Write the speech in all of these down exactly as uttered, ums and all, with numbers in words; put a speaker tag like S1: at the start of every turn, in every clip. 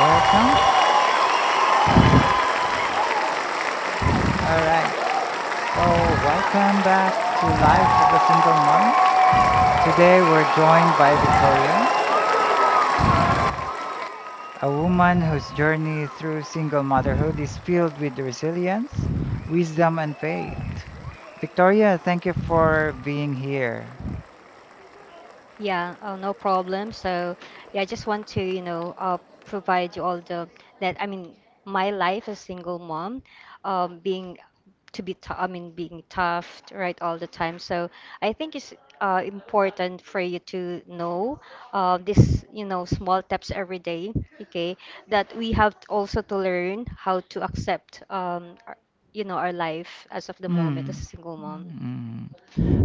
S1: Welcome. All right. So, welcome back to Life of a Single Mom. Today, we're joined by Victoria, a woman whose journey through single motherhood is filled with resilience, wisdom, and faith. Victoria, thank you for being here.
S2: Yeah, oh, no problem. So, yeah, I just want to, you know, uh, provide you all the that I mean, my life as single mom, um, being to be tou- I mean, being tough, right, all the time. So, I think it's uh, important for you to know uh, this, you know, small steps every day, okay, that we have t- also to learn how to accept, um, our, you know, our life as of the moment
S1: Hmm.
S2: as a single mom.
S1: Hmm.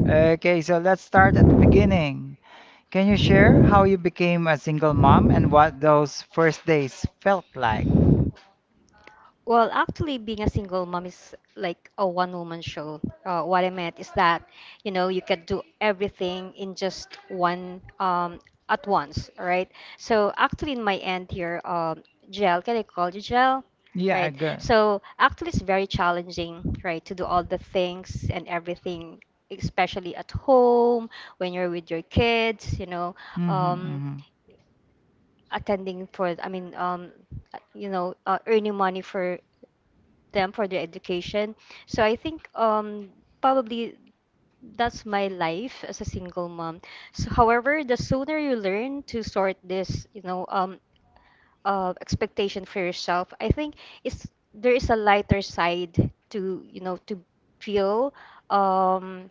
S1: Okay, so let's start at the beginning. Can you share how you became a single mom and what those first days felt like?
S2: Well, actually, being a single mom is like a one-woman show. Uh, what I meant is that, you know, you can do everything in just one um, at once, right? So actually, in my end here, um, Gel, can I call you Gel?
S1: Yeah, I
S2: Right.
S1: got.
S2: So actually, it's very challenging, right, to do all the things and everything, especially at home when you're with your kids. You know, um,
S1: Mm-hmm,
S2: attending for, I mean, um you know uh, earning money for them for their education. So I think, um probably that's my life as a single mom. So however, the sooner you learn to sort this, you know um uh, expectation for yourself, I think it's there is a lighter side, to you know to feel, um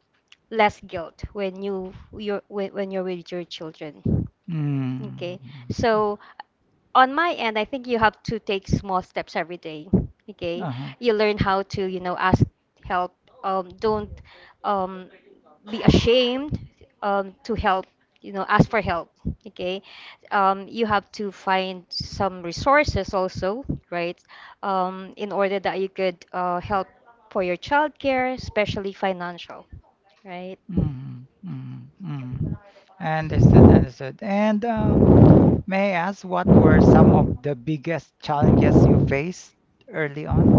S2: less guilt when you you're when, when you're with your children. Okay.
S1: mm-hmm.
S2: So on my end, I think you have to take small steps every day. Okay.
S1: Uh-huh.
S2: You learn how to, you know, ask help. Um, don't um, be ashamed, um, to help, you know, ask for help. Okay. Um, you have to find some resources also, right? Um, in order that you could uh, help for your childcare, especially financial, right?
S1: Mm-hmm, mm-hmm, mm-hmm. Understood, understood. And uh, may I ask what were some of the biggest challenges you faced early on?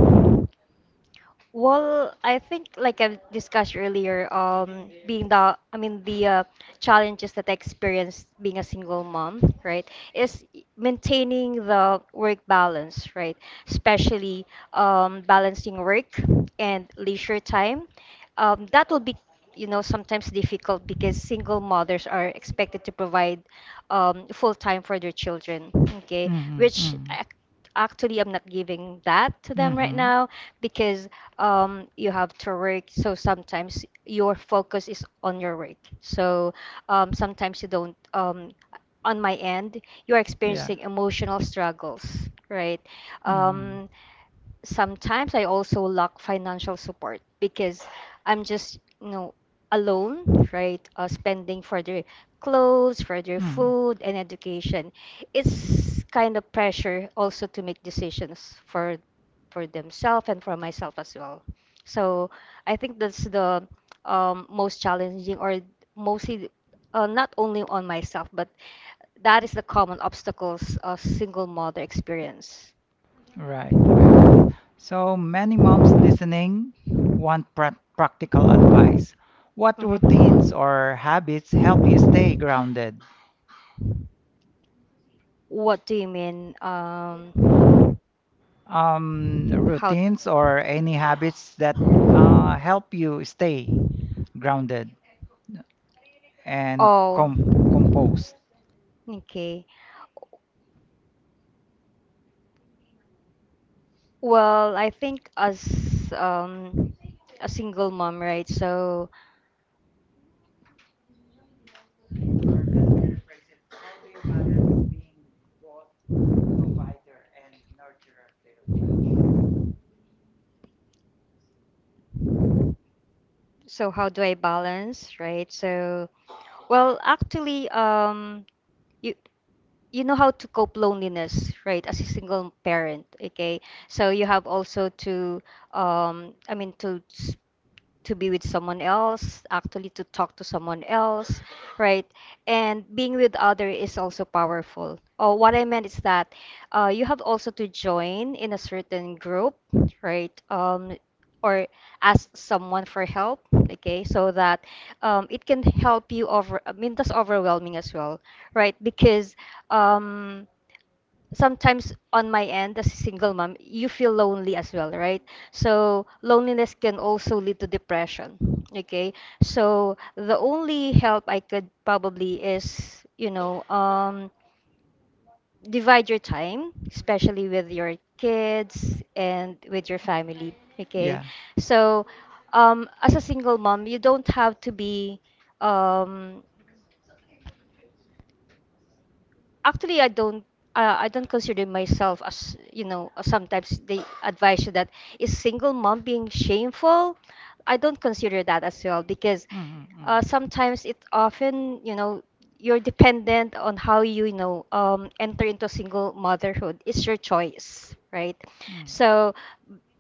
S2: Well, I think like I've discussed earlier, um, being the, I mean, the uh, challenges that I experienced being a single mom, right, is maintaining the work balance, right, especially, um, balancing work and leisure time. Um, that will be, you know, sometimes difficult because single mothers are expected to provide um, full time for their children, okay,
S1: Mm-hmm,
S2: which
S1: mm-hmm,
S2: ac- actually I'm not giving that to them right
S1: mm-hmm.
S2: now, because, um, you have to work. So sometimes your focus is on your work. So um, sometimes you don't. Um, on my end, you are
S1: Yeah.
S2: experiencing emotional struggles, right?
S1: Mm-hmm,
S2: Um, Sometimes I also lack financial support because I'm just, you know, alone, right? Uh, spending for their clothes, for their
S1: mm-hmm.
S2: food, and education. It's kind of pressure also to make decisions for for themselves and for myself as well. So I think that's the um, most challenging, or mostly, uh, not only on myself, but that is the common obstacles a single mother experience.
S1: Right, right. So many moms listening want prac practical advice. What routines
S2: Mhm.
S1: or habits help you stay grounded?
S2: What do you mean? Um,
S1: Um,
S2: how?
S1: routines or any habits that uh, help you stay grounded and
S2: Oh,
S1: com composed.
S2: okay. Well, I think as, um, a single mom, right? So, so, how do I balance, right? So, well, actually, um, you you know how to cope loneliness, right? As a single parent, okay? So you have also to, um, I mean, to s- to be with someone else, actually to talk to someone else, right? And being with other is also powerful. Oh, what I meant is that, uh, you have also to join in a certain group, right? Um, or ask someone for help, okay? So that, um, it can help you over. I mean, that's overwhelming as well, right? Because, um, sometimes on my end as a single mom, you feel lonely as well, right? So loneliness can also lead to depression. Okay. So the only help I could probably is, you know, um, divide your time, especially with your kids and with your family. Okay,
S1: Yeah.
S2: so, um, as a single mom, you don't have to be. Um, Actually, I don't. Uh, I don't consider myself, as you know. Sometimes they advise you that is single mom being shameful. I don't consider that as well because,
S1: Mm, mm,
S2: uh, sometimes it often, you know you're dependent on how you, you know um, enter into single motherhood. It's your choice, right. So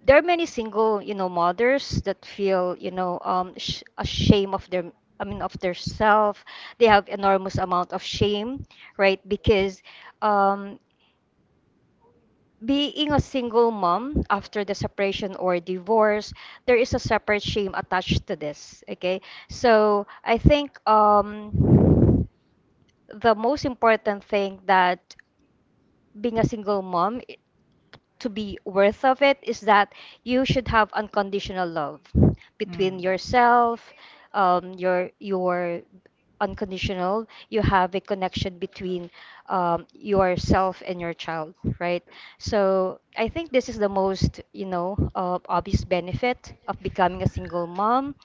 S2: there are many single, you know mothers that feel, you know um sh- ashamed of their, I mean, of their self. They have enormous amount of shame, right, because, um being a single mom after the separation or divorce, there is a separate shame attached to this. Okay, so I think, um, the most important thing that being a single mom to be worth of it is that you should have unconditional love
S1: mm, mm,
S2: between yourself, um your your unconditional you have a connection between, um, yourself and your child, right. So I think this is the most, you know uh, obvious benefit of becoming a single mom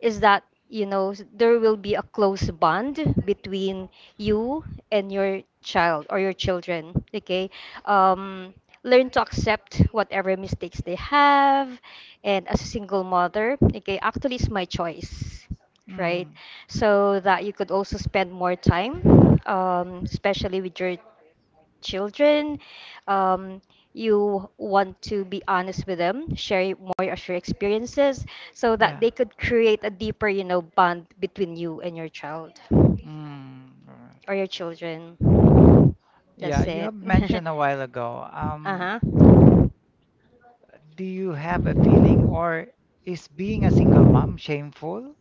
S2: is that, you know s- there will be a close bond between you and your child or your children, okay. um, Learn to accept whatever mistakes they have, and as a single mother, okay, actually, it's my choice,
S1: mm,
S2: right.
S1: mm.
S2: So that you could also spend more time, um, especially with your children. um, you want to be honest with them, share more of your experiences so that
S1: Yeah.
S2: they could create a deeper, you know, bond between you and your child
S1: Mm, alright.
S2: or your children. That's
S1: Yeah, you
S2: it.
S1: have mentioned a while ago. Um,
S2: Uh-huh.
S1: do you have a feeling, or is being a single mom shameful?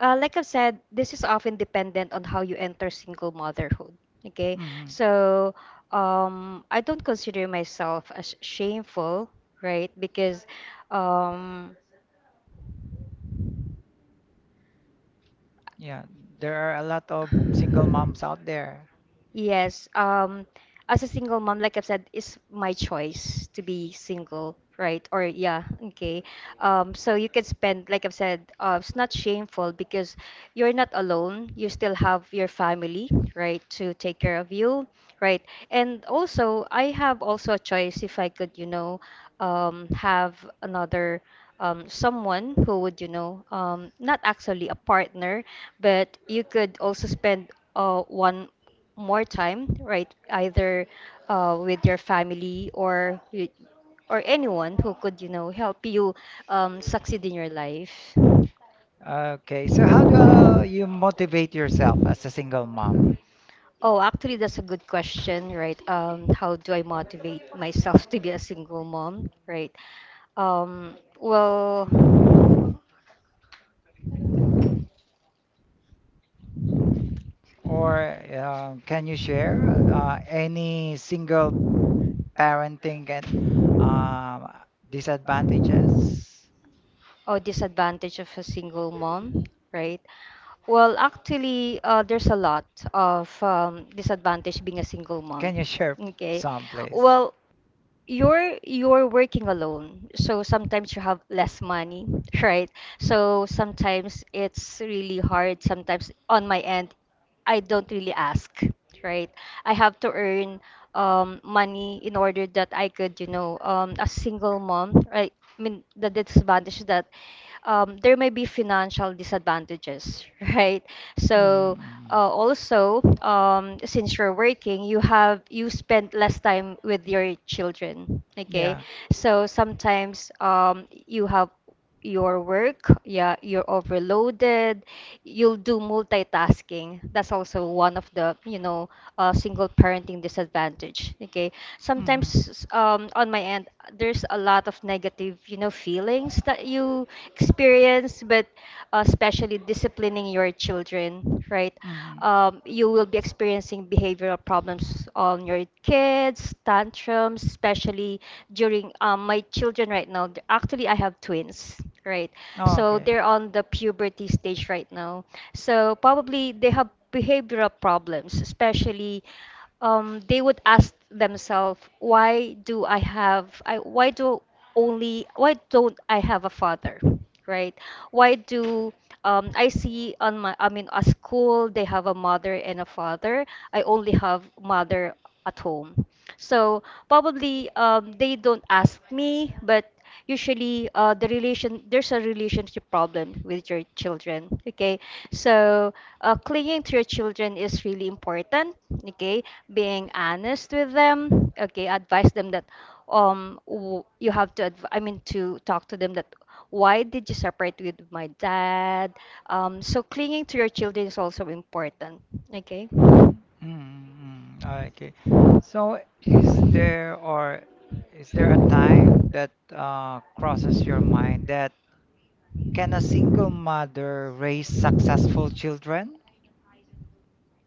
S2: Uh, like I've said, this is often dependent on how you enter single motherhood. Okay,
S1: Hmm.
S2: so, um, I don't consider myself as shameful, right? Because, um,
S1: Yeah, there are a lot of single moms out there.
S2: yes. Um, as a single mom, like I've said, it's my choice to be single, right? Or yeah, okay. Um, so you can spend, like I've said, uh, it's not shameful because you're not alone. You still have your family, right, to take care of you, right? And also, I have also a choice if I could, you know, um, have another. Um, someone who would, you know, um, not actually a partner, but you could also spend, uh, one more time, right? Either, uh, with your family or with, or anyone who could, you know, help you, um, succeed in your life.
S1: Okay, so how do uh, you motivate yourself as a single mom?
S2: Oh, actually, that's a good question, right? Um, how do I motivate myself to be a single mom, right? Um, well,
S1: Or uh, can you share uh, any single parenting and um disadvantages?
S2: oh, disadvantage of a single mom, right? Well, actually, uh, there's a lot of, um, disadvantage being a single
S1: Can
S2: mom.
S1: you share
S2: Okay.
S1: some, please?
S2: Well, you're you're working alone, so sometimes you have less money right. So sometimes it's really hard. Sometimes on my end I don't really ask, right. I have to earn, um, money in order that I could, you know um, a single mom, right. I mean the disadvantage that, um, there may be financial disadvantages right. So, uh,
S1: Mm-hmm.
S2: also, um, since you're working, you have you spend less time with your children, okay.
S1: Yeah.
S2: So sometimes, um, you have your work, yeah, you're overloaded. You'll do multitasking. That's also one of the, you know uh, single parenting disadvantage, okay.
S1: Mm-hmm.
S2: Sometimes, um, on my end there's a lot of negative, you know feelings that you experience, but, uh, especially disciplining your children, right.
S1: Mm-hmm.
S2: Um, you will be experiencing behavioral problems on your kids, tantrums, especially during, um, my children right now. Th- actually, I have twins, right.
S1: Oh,
S2: So
S1: Okay.
S2: they're on the puberty stage right now. So probably they have behavioral problems, especially, um, they would ask themselves, why do I have, I, why do only, why don't I have a father, right? Why do, um, I see on my, I mean, at school they have a mother and a father. I only have mother at home. So probably, um, they don't ask me, but usually, uh, the relation there's a relationship problem with your children, okay. So, uh, clinging to your children is really important, okay. Being honest with them, okay. Advise them that, um w- you have to adv- I mean, to talk to them that, why did you separate with my dad? Um so clinging to your children is also important, okay.
S1: Mm-hmm. Okay. So, is there or is there a time that uh, crosses your mind that can a single mother raise successful children?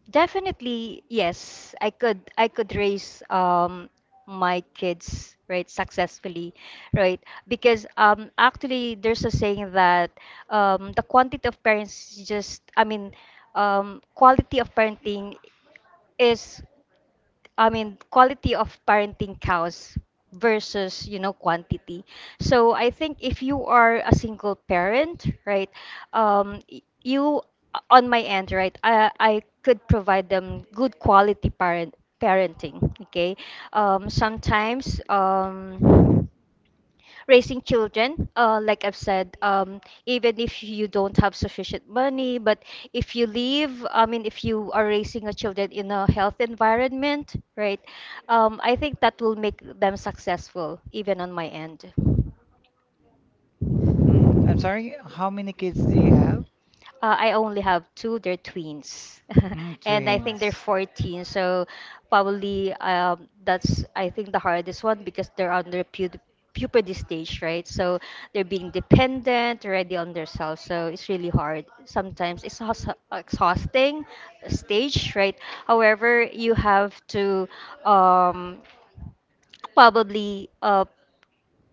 S2: Definitely, yes. I could I could raise, um my kids, right, successfully, right? Because, um actually, there's a saying that, um the quantity of parents is just, I mean, um quality of parenting is, I mean, quality of parenting cows versus, you know, quantity. So I think if you are a single parent, right, um, y- you, on my end, right, I, I could provide them good quality parent parenting, okay? Um, sometimes, um, raising children, uh, like I've said, um, even if you don't have sufficient money. But if you live, I mean, if you are raising a children in a health environment, right, um, I think that will make them successful, even on my end.
S1: Mm, I'm sorry, how many kids do you have?
S2: Uh, I only have two. They're twins,
S1: Mm,
S2: and I think they're
S1: twins.
S2: fourteen. So probably, um, that's I think the hardest one because they're under pu puberty stage, right? So they're being dependent already on themselves. So it's really hard. Sometimes it's exhaust- exhausting stage, right? However, you have to um, probably uh,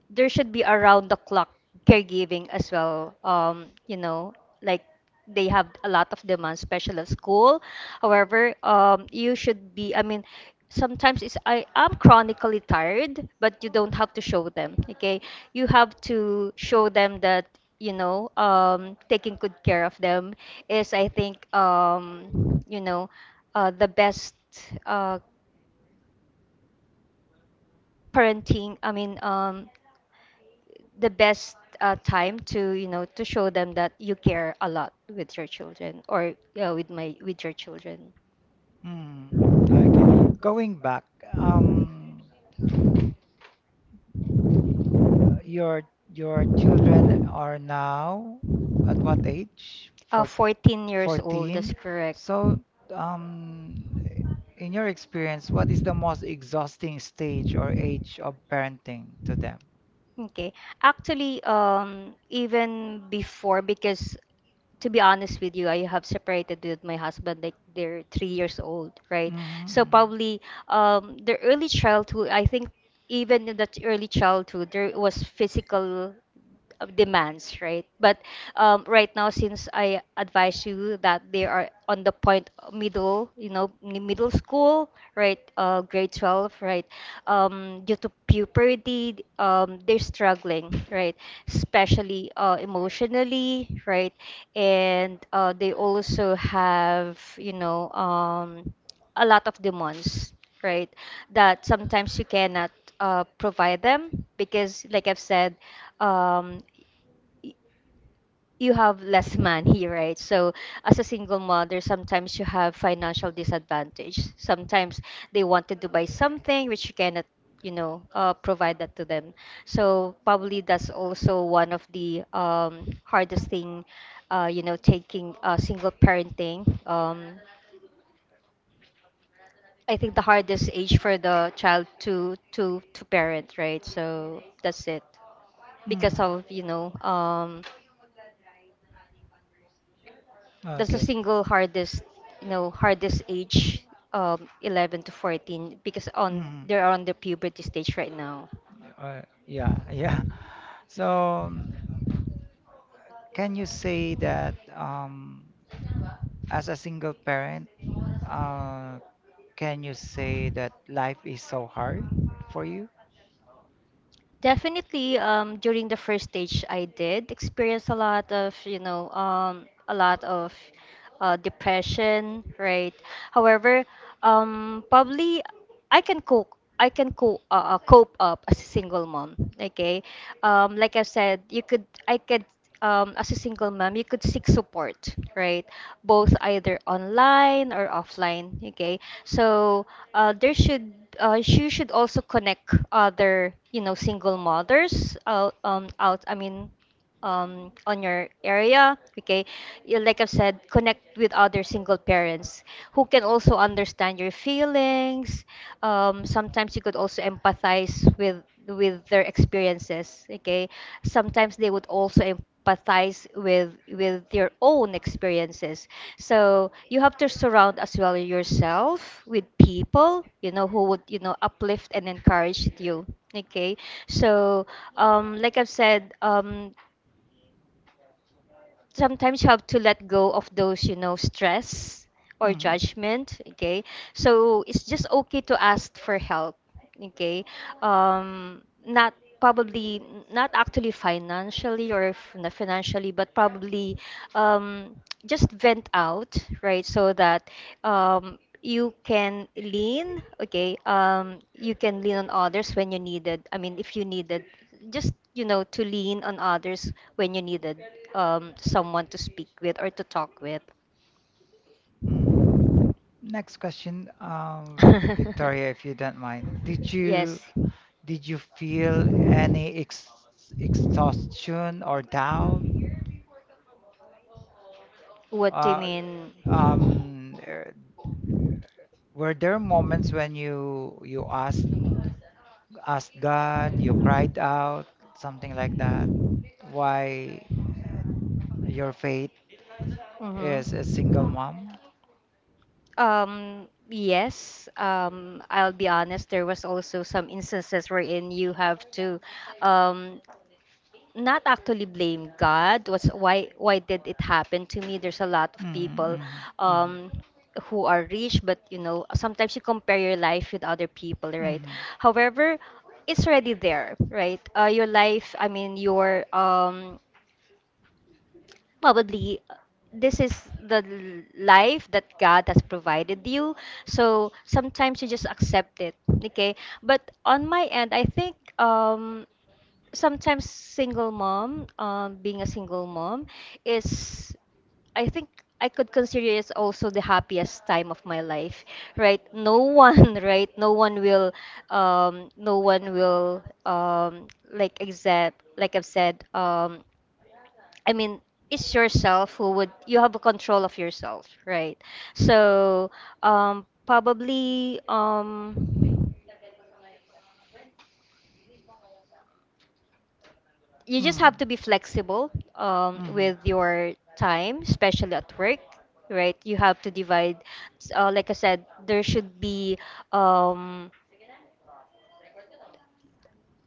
S2: there should be around the clock caregiving as well, um you know like they have a lot of demand, especially at school. However, um you should be, i mean sometimes it's, I am chronically tired, but you don't have to show them. Okay, you have to show them that, you know um taking good care of them is, I think, um you know uh, the best uh parenting. I mean um the best uh, time to, you know to show them that you care a lot with your children. Or yeah, with my with your children.
S1: Mm, okay. Going back, um, Your your children are now at what age?
S2: uh,
S1: Four
S2: fourteen years old, that's
S1: fourteen.
S2: correct.
S1: So, um, in your experience, what is the most exhausting stage or age of parenting to them?
S2: Okay. Actually, um, even before, because to be honest with you, I have separated with my husband, like they're three years old, right? So
S1: Mm-hmm.
S2: probably um, the early childhood, I think, even in that early childhood, there was physical of demands, right? But um, right now, since I advise you that they are on the point middle, you know, mi- middle school, right, uh, grade twelve, right, um, due to puberty, um, they're struggling, right, especially uh, emotionally, right, and uh, they also have, you know, um, a lot of demands, right? That sometimes you cannot uh, provide them because, like I've said, um, you have less money, right? So, as a single mother, sometimes you have financial disadvantage. Sometimes they wanted to buy something which you cannot, you know, uh, provide that to them. So, probably that's also one of the um, hardest thing, uh, you know, taking uh, single parenting. Um, I think the hardest age for the child to to to parent, right? So that's it.
S1: Mm-hmm.
S2: Because
S1: Mm-hmm.
S2: of, you know, um that's the
S1: Okay.
S2: single hardest, you know, hardest age, um eleven to fourteen, because on
S1: Mhm.
S2: they're on the puberty stage right now.
S1: Uh, yeah, yeah. So, um, can you say that um, as a single parent, uh, can you say that life is so hard for you?
S2: Definitely, um, during the first stage, I did experience a lot of, you know, um, a lot of uh, depression, right? However, um, probably I can cope. I can cope, uh, uh, cope up as a single mom. Okay, um, like I said, you could, I could, um, as a single mom, you could seek support, right? Both either online or offline. Okay, so uh, there should uh, you should also connect other, you know single mothers out um, out. I mean, Um, on your area, okay. You- like I've said, connect with other single parents who can also understand your feelings, um, sometimes you could also empathize with with their experiences. Okay, sometimes they would also empathize with with their own experiences. So you have to surround as well yourself with people, you know who would, you know uplift and encourage you. Okay, so um, like I've said um, sometimes you have to let go of those, you know stress or
S1: Mhm.
S2: judgment. Okay, so it's just okay to ask for help. Okay, um not probably, not actually financially or f- not financially, but probably um just vent out, right, so that um you can lean. Okay, um you can lean on others when you needed, I mean, if you needed, just, you know to lean on others when you needed um, someone to speak with or to talk with.
S1: Mhm. Next question, um, Victoria, if you don't mind, did you
S2: Yes.
S1: did you feel any ex exhaustion or doubt?
S2: What do you
S1: Uh,
S2: mean?
S1: um, er, were there moments when you you asked asked God, you cried out, something like that, why your faith is a single
S2: Hmm.
S1: mom?
S2: Um yes, um I'll be honest, there was also some instances wherein you have to um not actually blame God. Was why why did it happen to me? There's a lot of
S1: Mm,
S2: people
S1: mm, mm,
S2: um who are rich, but you know, sometimes you compare your life with other people, right?
S1: mm,
S2: However, it's already there, right? Uh, your life, I mean, your um probably uh, this is the l- life that God has provided you. So sometimes you just accept it. Okay. But on my end, I think, um, sometimes single mom, um, being a single mom, is, I think, I could consider it as also the happiest time of my life, right? No one, right? No one will, um, no one will, um, like, except, like I've said, um, I mean, it's yourself who would, you have a control of yourself, right? So um, probably um, you just
S1: mm,
S2: have to be flexible um,
S1: mm,
S2: with your time, especially at work, right? You have to divide. Uh, like I said, there should be um,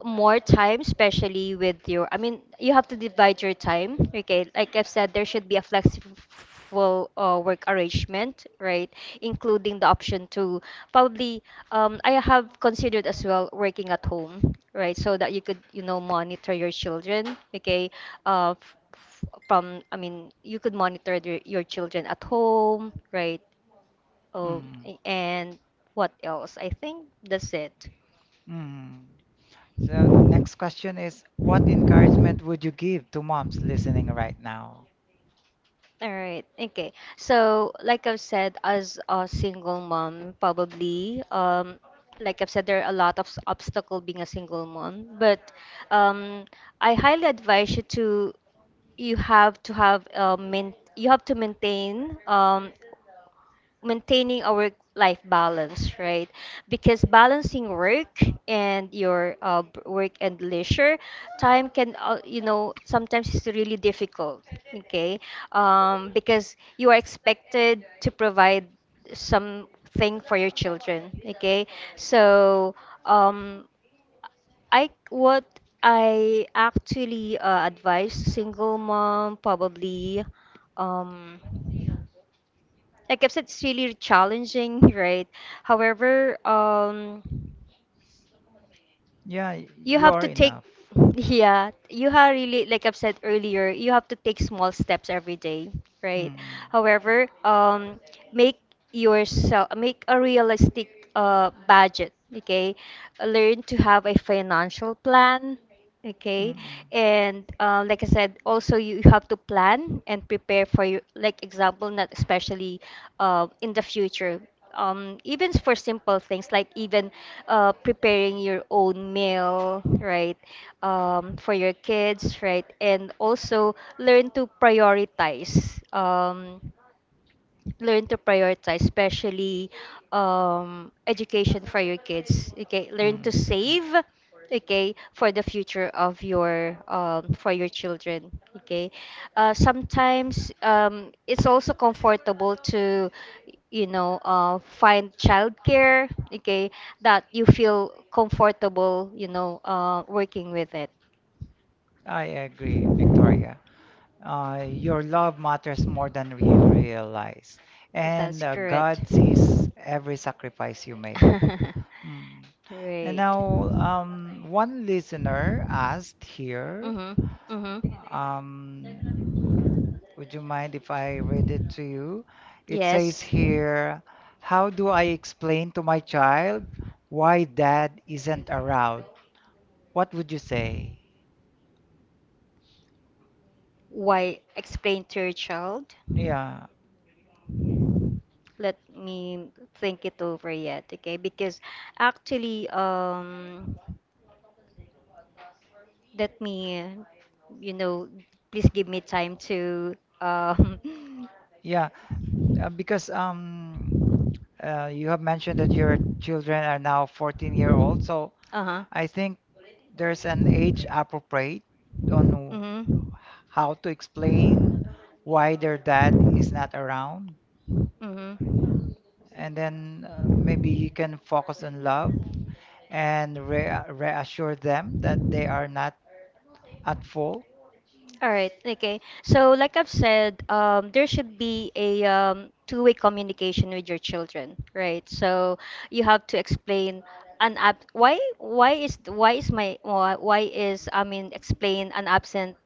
S2: more time, especially with your, I mean, you have to divide your time, okay? Like I've said, there should be a flexible uh, work arrangement, right? Including the option to probably, um, I have considered as well working at home, right? So that you could, you know, monitor your children, okay? Uh, f- f- from, I mean, you could monitor their, your children at home, right? Oh,
S1: mm,
S2: and what else? I think that's it.
S1: mm. So next question is, what encouragement would you give to moms listening right now?
S2: All right. Okay. So, like I've said, as a single mom, probably, um, like I've said, there are a lot of s- obstacle being a single mom. But um, I highly advise you to, you have to have uh, main, you have to maintain, um, maintaining a work life balance, right? Because balancing work and your uh, b- work and leisure time can, uh, you know, sometimes it's really difficult, okay? Um, because you are expected to provide something for your children, okay? So, um, I what I actually uh, advise single mom probably, um like I said, it's really challenging, right? However, um,
S1: Yeah,
S2: you
S1: you
S2: have
S1: are
S2: to take,
S1: enough.
S2: yeah, you have really, like I've said earlier, you have to take small steps every day, right?
S1: Mm,
S2: However, um, make yourself, make a realistic uh, budget, okay? Learn to have a financial plan.
S1: mm,
S2: Okay.
S1: mm,
S2: And uh, like I said, also you have to plan and prepare for your, like example, not especially uh, in the future. Um, even for simple things like even uh, preparing your own meal, right? Um, for your kids, right? And also learn to prioritize. Um, learn to prioritize, especially um, education for your kids. Okay, learn to
S1: mm.
S2: save. Okay, for the future of your, um, for your children. Okay, uh, sometimes um, it's also comfortable to, you know uh, find childcare. Okay, that you feel comfortable. You know, uh, working with it.
S1: I agree, Victoria. uh, your love matters more than you realize, and
S2: That's
S1: uh,
S2: correct.
S1: God sees every sacrifice you make. Mm. And
S2: Great.
S1: now, um, one listener asked here,
S2: Mhm. Mhm.
S1: um, would you mind if I read it to you? It says
S2: Yes.
S1: here, How do I explain to my child why dad isn't around? What would you say?
S2: Why explain to your child?
S1: Yeah,
S2: Let me think it over yet, okay? Because actually, um, let me, you know, please give me time to, um,
S1: yeah, uh, because um, Uh, you have mentioned that your children are now fourteen year old year old, so
S2: uh-huh,
S1: I think there's an age appropriate on
S2: mm-hmm,
S1: how to explain why their dad is not around.
S2: mm-hmm.
S1: And then uh, maybe you can focus on love and re reassure them that they are not at fault.
S2: All right. Okay. So, like I've said, um, there should be a, um, two-way communication with your children, right? So you have to explain an ab why why is why is my why why is I mean, explain an absent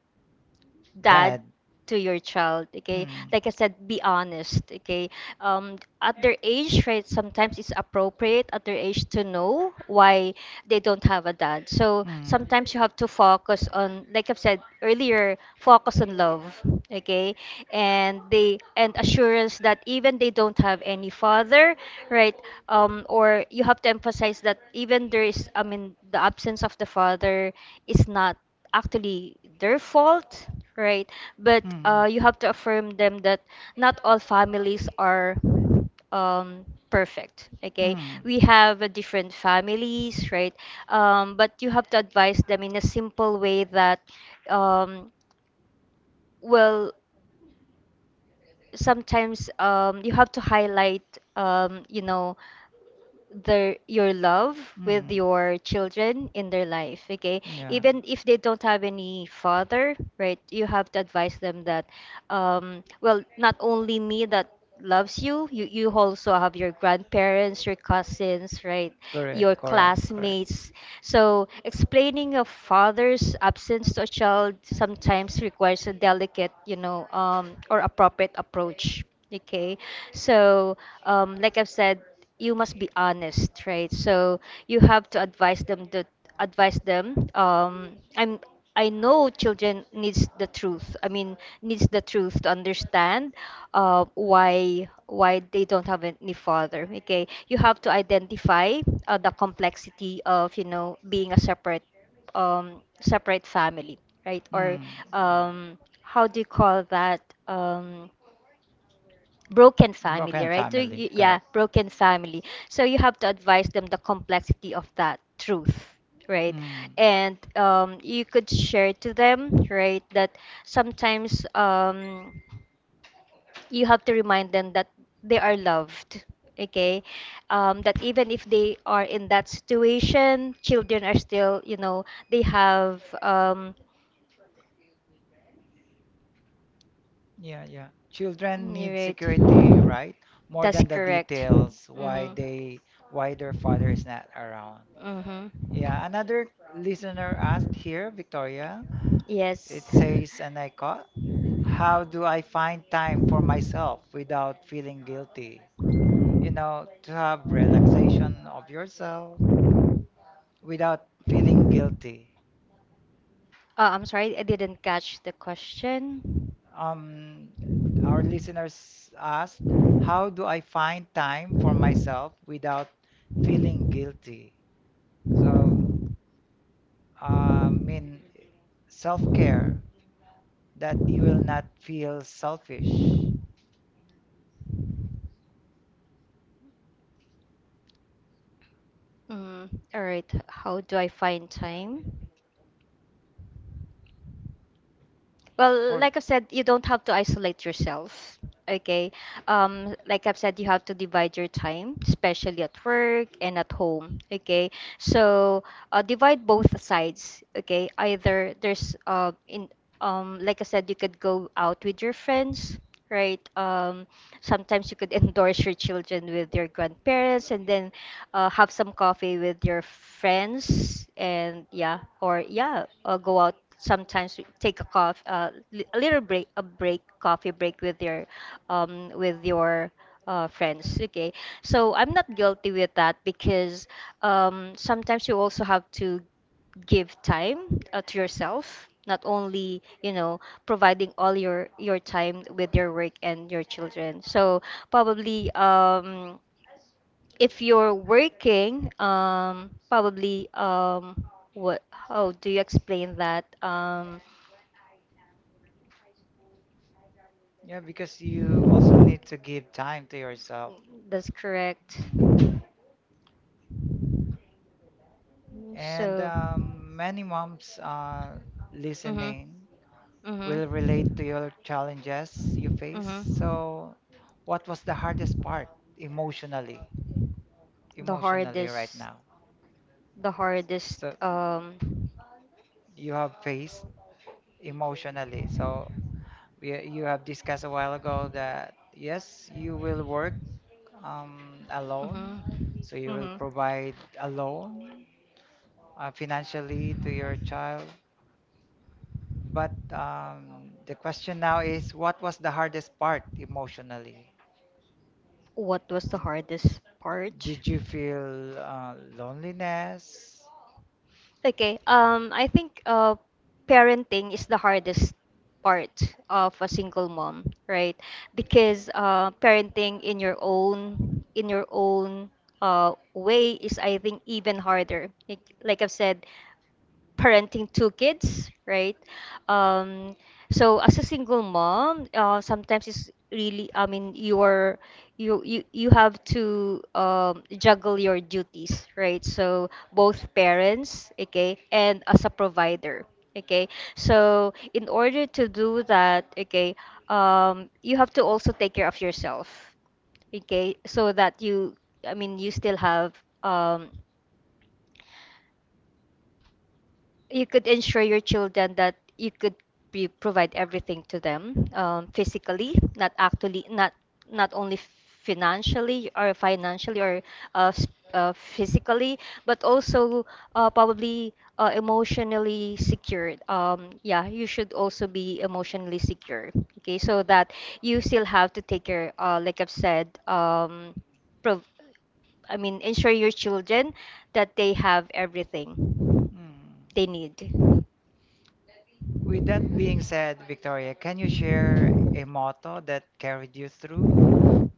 S2: dad
S1: Dad.
S2: to your child. Okay,
S1: Mm,
S2: like I said, be honest. Okay, um at their age, right, sometimes it's appropriate at their age to know why they don't have a dad. So sometimes you have to focus on, like I've
S1: mm.
S2: said earlier, focus on love. Okay, and they and assurance that even they don't have any father, right, um or you have to emphasize that even there is, I mean, the absence of the father is not actually their fault, right? But
S1: Mm.
S2: uh, you have to affirm them that not all families are um, perfect. Okay,
S1: Mm.
S2: we have a different families, right? Um, but you have to advise them in a simple way that, um, well, sometimes um, you have to highlight, um, you know their, your love with
S1: Mm.
S2: your children in their life. Okay,
S1: Yeah.
S2: even if they don't have any father, right, you have to advise them that, um well, not only me that loves you, you you also have your grandparents, your cousins, right, your
S1: Correct, correct, correct.
S2: classmates. So explaining a father's absence to a child sometimes requires a delicate, you know um or appropriate approach. Okay, so um like I've said you must be honest, right? So you have to advise them that, advise them. Um, I'm I know children needs the truth. I mean, needs the truth to understand uh, why why they don't have any father. Okay, you have to identify uh, the complexity of, you know, being a separate, um, separate family, right? Or
S1: Mm.
S2: um, how do you call that? Um, Broken
S1: Mm.
S2: family,
S1: Broken
S2: right? So
S1: family,
S2: you, yeah,
S1: correct.
S2: broken family. So you have to advise them the complexity of that truth, right?
S1: Mm.
S2: And um, you could share to them, right, that sometimes um, you have to remind them that they are loved. Okay, um, that even if they are in that situation, children are still, you know, they have um,
S1: Yeah, yeah. Children
S2: Mm,
S1: need security,
S2: right.
S1: right? More
S2: That's
S1: than the
S2: correct.
S1: details why
S2: Mm-hmm.
S1: they why their father is not around.
S2: Mm-hmm.
S1: Yeah, another listener asked here, Victoria.
S2: Yes.
S1: It says, and I caught, how do I find time for myself without feeling guilty? You know, to have relaxation of yourself without feeling guilty.
S2: Uh, I'm sorry, I didn't catch the question.
S1: Um, our listeners asked, how do I find time for myself without feeling guilty? So, uh, I mean, self care that you will not feel selfish
S2: Mm, all right. How do I find time? Well,
S1: for
S2: like I've said, you don't have to isolate yourself. Okay. Um, like I've said, you have to divide your time, especially at work and at home. Okay. So uh, divide both sides. Okay. Either there's uh in um like I said, you could go out with your friends, right? Um, sometimes you could endorse your children with your grandparents, and then uh, have some coffee with your friends and yeah or yeah uh, go out sometimes take a coffee uh, li- a little break a break coffee break with your um, with your uh, friends, okay, so I'm not guilty with that because um, sometimes you also have to give time uh, to yourself, not only you know providing all your your time with your work and your children. So probably um if you're working, um, probably um, what? How do you explain that? Um,
S1: yeah because you also need to give time to yourself.
S2: that's correct.
S1: Mm. And
S2: So.
S1: um, many moms uh,
S2: Mhm.
S1: listening
S2: Mhm.
S1: will relate to your challenges you face.
S2: Mhm.
S1: So, what was the hardest part emotionally,
S2: The
S1: emotionally right
S2: hardest,
S1: now?
S2: the hardest
S1: So,
S2: um,
S1: you have faced emotionally. So, we, you have discussed a while ago that yes, you will work um, alone.
S2: Mhm.
S1: So, you will
S2: Mhm.
S1: provide alone uh, financially to your child. But um, the question now is, what was the hardest part emotionally?
S2: What was the hardest part?
S1: Did you feel uh, loneliness?
S2: Okay. Um, I think uh, parenting is the hardest part of a single mom, right? Because uh, parenting in your own in your own uh, way is, I think, even harder. Like, like I've said, parenting two kids, right? Um, so as a single mom, uh, sometimes it's really, I mean, you're you you you have to um, juggle your duties, right? So both parents, okay, and as a provider, okay. So in order to do that, okay, um, you have to also take care of yourself, okay, so that you, I mean, you still have um you could ensure your children that you could be, provide everything to them um, physically, not actually not not only financially or financially or uh, s- uh, physically, but also uh, probably uh, emotionally secured um, Yeah, you should also be emotionally secure, okay, so that you still have to take care uh, like I've said, um, prov- I mean, ensure your children that they have everything they
S1: Hmm.
S2: need.
S1: With that being said, Victoria, can you share a motto that carried you through?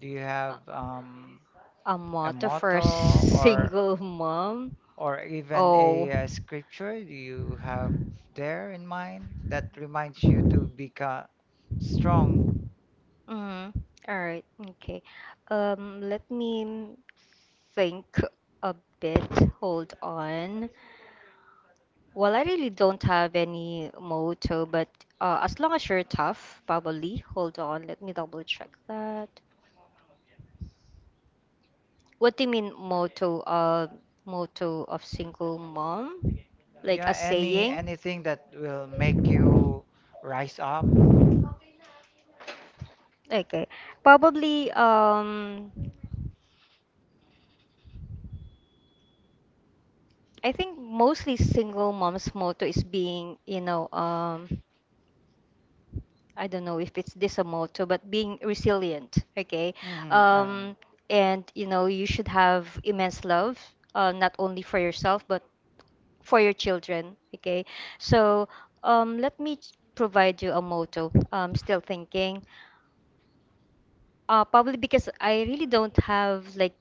S1: Do you have um,
S2: A
S1: a
S2: motto for a
S1: motto or
S2: single mom?
S1: or even a, uh scripture do you have there in mind that reminds you to become strong?
S2: God? Mm, all right, okay. Um, let me think a bit. Hold on. Well, I really don't have any motto, but uh, as long as you're tough, probably. Hold on, let me double check that. What do you mean motto? Uh, motto of single mom? Like a
S1: Yeah, any
S2: saying?
S1: anything that will make you rise up?
S2: Okay. Probably, um, I think mostly single mom's motto is being, you know, um, I don't know if it's this a motto, but being resilient, okay?
S1: Hmm. Um,
S2: Um, and you know, you should have immense love, uh, not only for yourself, but for your children, okay? So um, let me ch- provide you a motto. I'm still thinking. Uh, probably because I really don't have like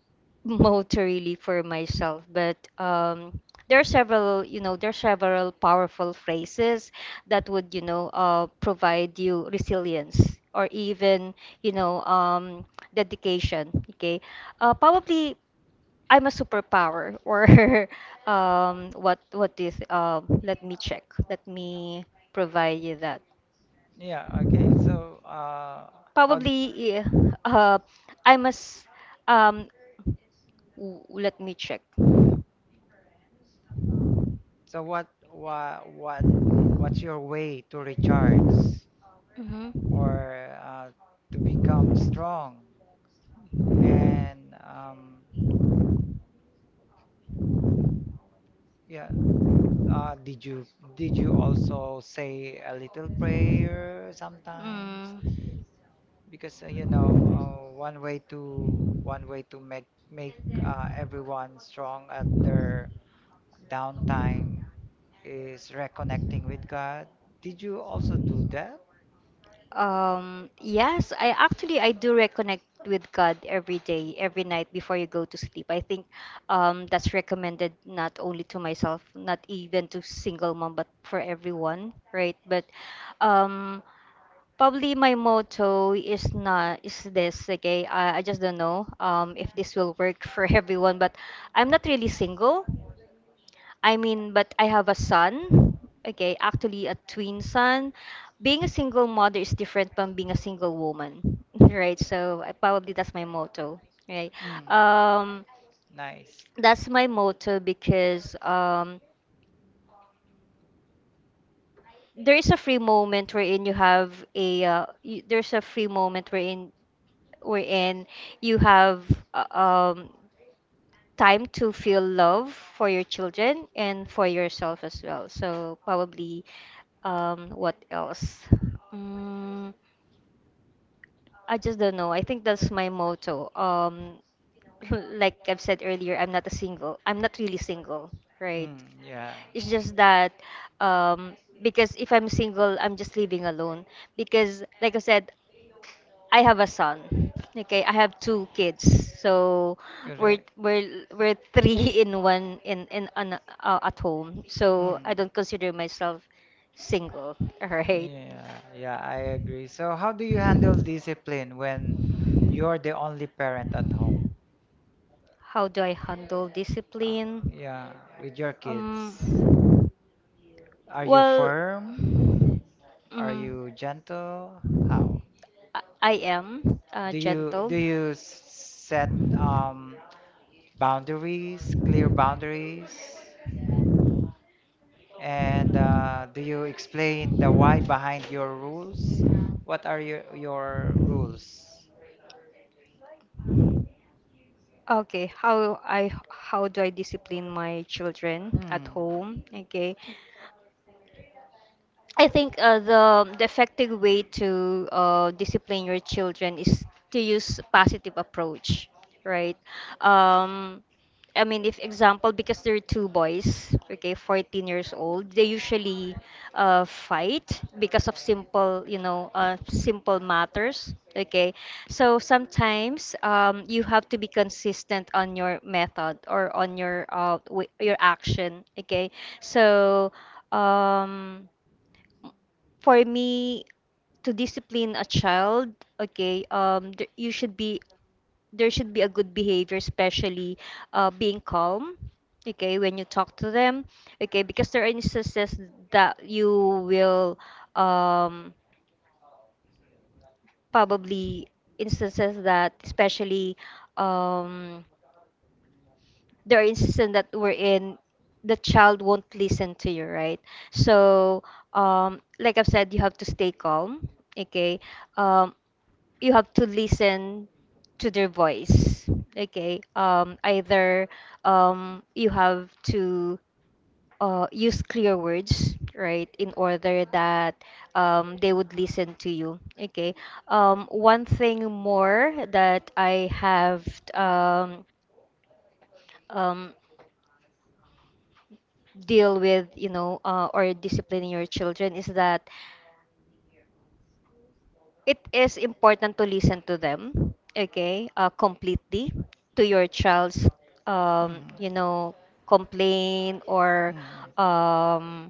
S2: motor really for myself, but um, there are several, you know, there are several powerful phrases that would, you know, uh, provide you resilience or even, you know, um, dedication. Okay, uh, probably I'm a superpower or um, what what is? Um, let me check. Let me provide you that.
S1: yeah, okay. So, uh, how?
S2: Probably, eh, uh, I must, um, w- let me check.
S1: So what what what what's your way to recharge
S2: Hmm.
S1: or uh, to become strong? And um, yeah, uh, did you did you also say a little prayer sometimes?
S2: Mm.
S1: Because uh, you know uh, one way to one way to make make uh, everyone strong at their downtime is reconnecting with God. Did you also do that?
S2: Um, yes, I actually I do reconnect with God every day, every night before you go to sleep. I think um, that's recommended not only to myself, not even to single mom, but for everyone, right? But um, probably my motto is not is this. Okay, I, I just don't know um, if this will work for everyone, but I'm not really single. I mean, but I have a son. Okay, actually a twin son. Being a single mother is different from being a single woman, right? So I, probably that's my motto, right?
S1: Mm,
S2: Um,
S1: nice.
S2: that's my motto because um, there is a free moment wherein you have a uh, y there's a free moment wherein wherein you have uh, um time to feel love for your children and for yourself as well. So probably um what else? Mm, I just don't know. I think that's my motto. Um like I've said earlier, I'm not a single. I'm not really single, right?
S1: Mm, yeah.
S2: It's just that um, because if I'm single, I'm just living alone. Because, like I said, I have a son. Okay, I have two kids, so we're
S1: Correct.
S2: we're we're three in one in in an uh, at home. So I
S1: Mm.
S2: don't consider myself single. All right.
S1: Yeah, yeah, I agree. So, how do you handle discipline when you're the only parent at home?
S2: How do I handle
S1: Uh,
S2: discipline?
S1: yeah, with your kids.
S2: Um.
S1: Are you
S2: Well.
S1: firm? Are
S2: Mm.
S1: you gentle? How?
S2: I I am uh,
S1: Do you
S2: gentle.
S1: do you s- set um boundaries, clear boundaries? And uh, do you explain the why behind your rules? What are your your rules?
S2: Okay, how I how do I discipline my children at
S1: Mm,
S2: home? Okay, I think uh, the, the effective way to uh, discipline your children is to use positive approach, right? Um, I mean, if example, because there are two boys, okay, fourteen years old, they usually uh, fight because of simple, you know, uh, simple matters, okay? So sometimes um, you have to be consistent on your method or on your uh, w- your action, okay? So um, for me to discipline a child, okay, um there, you should be there should be a good behavior, especially uh, being calm, okay, when you talk to them, okay, because there are instances that you will um probably instances that especially um, there are instances that we're in the child won't listen to you, right? So um, like I've said, you have to stay calm, okay, um, you have to listen to their voice, okay, um either um you have to uh, use clear words, right, in order that um, they would listen to you. Okay. Um, one thing more that I have um, um, deal with, you know, uh, or disciplining your children is that it is important to listen to them, okay, uh, completely to your child's, um, you
S1: mm,
S2: know, complaint or
S1: mm, mm,
S2: um,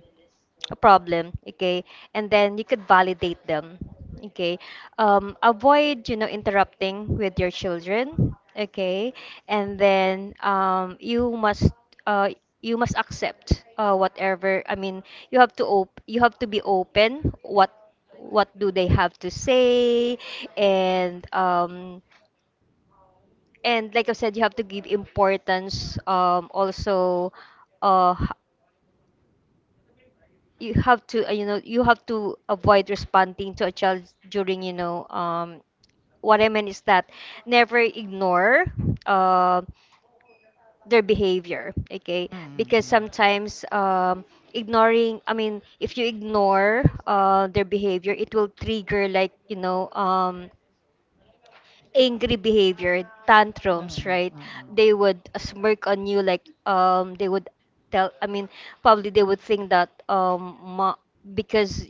S2: a problem, okay, and then you could validate them, okay, um, avoid, you know, interrupting with your children, okay, and then um, you must uh, you must accept uh, whatever, I mean, you have to op- you have to be open what what do they have to say. And um, and like I said, you have to give importance, um, also uh, you have to uh, you know, you have to avoid responding to a child during, you know, um what I mean is that never ignore uh, their behavior, okay,
S1: mm, mm,
S2: because
S1: mm,
S2: sometimes um ignoring, I mean, if you ignore uh, their behavior, it will trigger like, you know, um angry behavior, tantrums,
S1: mm,
S2: right?
S1: mm, mm,
S2: They would smirk on you like um they would tell, I mean, probably they would think that um ma- because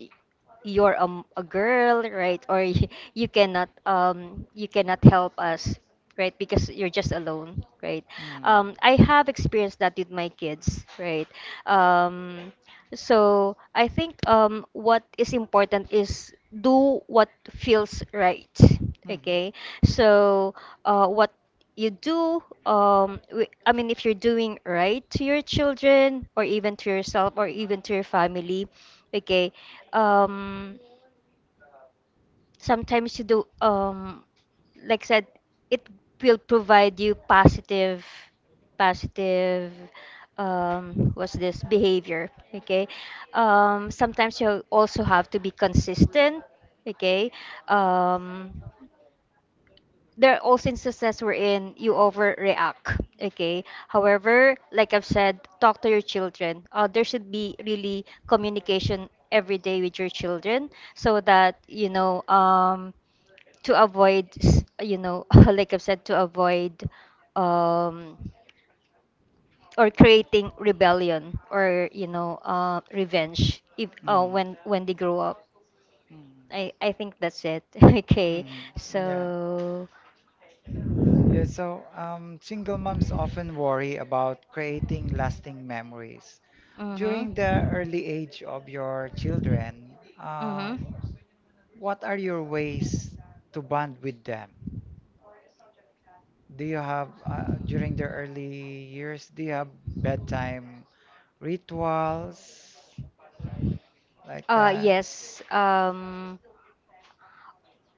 S2: you're um, a girl, right? Or y- you cannot um you cannot help us, right? Because you're just alone, right? Um I have experienced that with my kids, right? Um so I think um, what is important is do what feels right. Okay. So uh, what you do, um, wi- I mean, if you're doing right to your children or even to yourself or even to your family, okay, um, sometimes you do um like I said, it will provide you positive positive um what's this behavior, okay, um sometimes you also have to be consistent, okay, um there are also instances wherein you overreact, okay, however, like I've said, talk to your children. Uh, there should be really communication every day with your children so that, you know, um to avoid s- you know, like I've said, to avoid um or creating rebellion or, you know, uh, revenge if,
S1: mm, mm,
S2: uh,
S1: mm,
S2: when when they grow up. i I think that's it. Okay.
S1: mm. Yeah.
S2: So
S1: Yeah, so um, single moms often worry about creating lasting memories.
S2: mhm
S1: During the early age of your children, uh,
S2: mhm.
S1: what are your ways to bond with them? Do you have, uh, during their early years, do you have bedtime rituals like
S2: Uh
S1: that?
S2: yes, um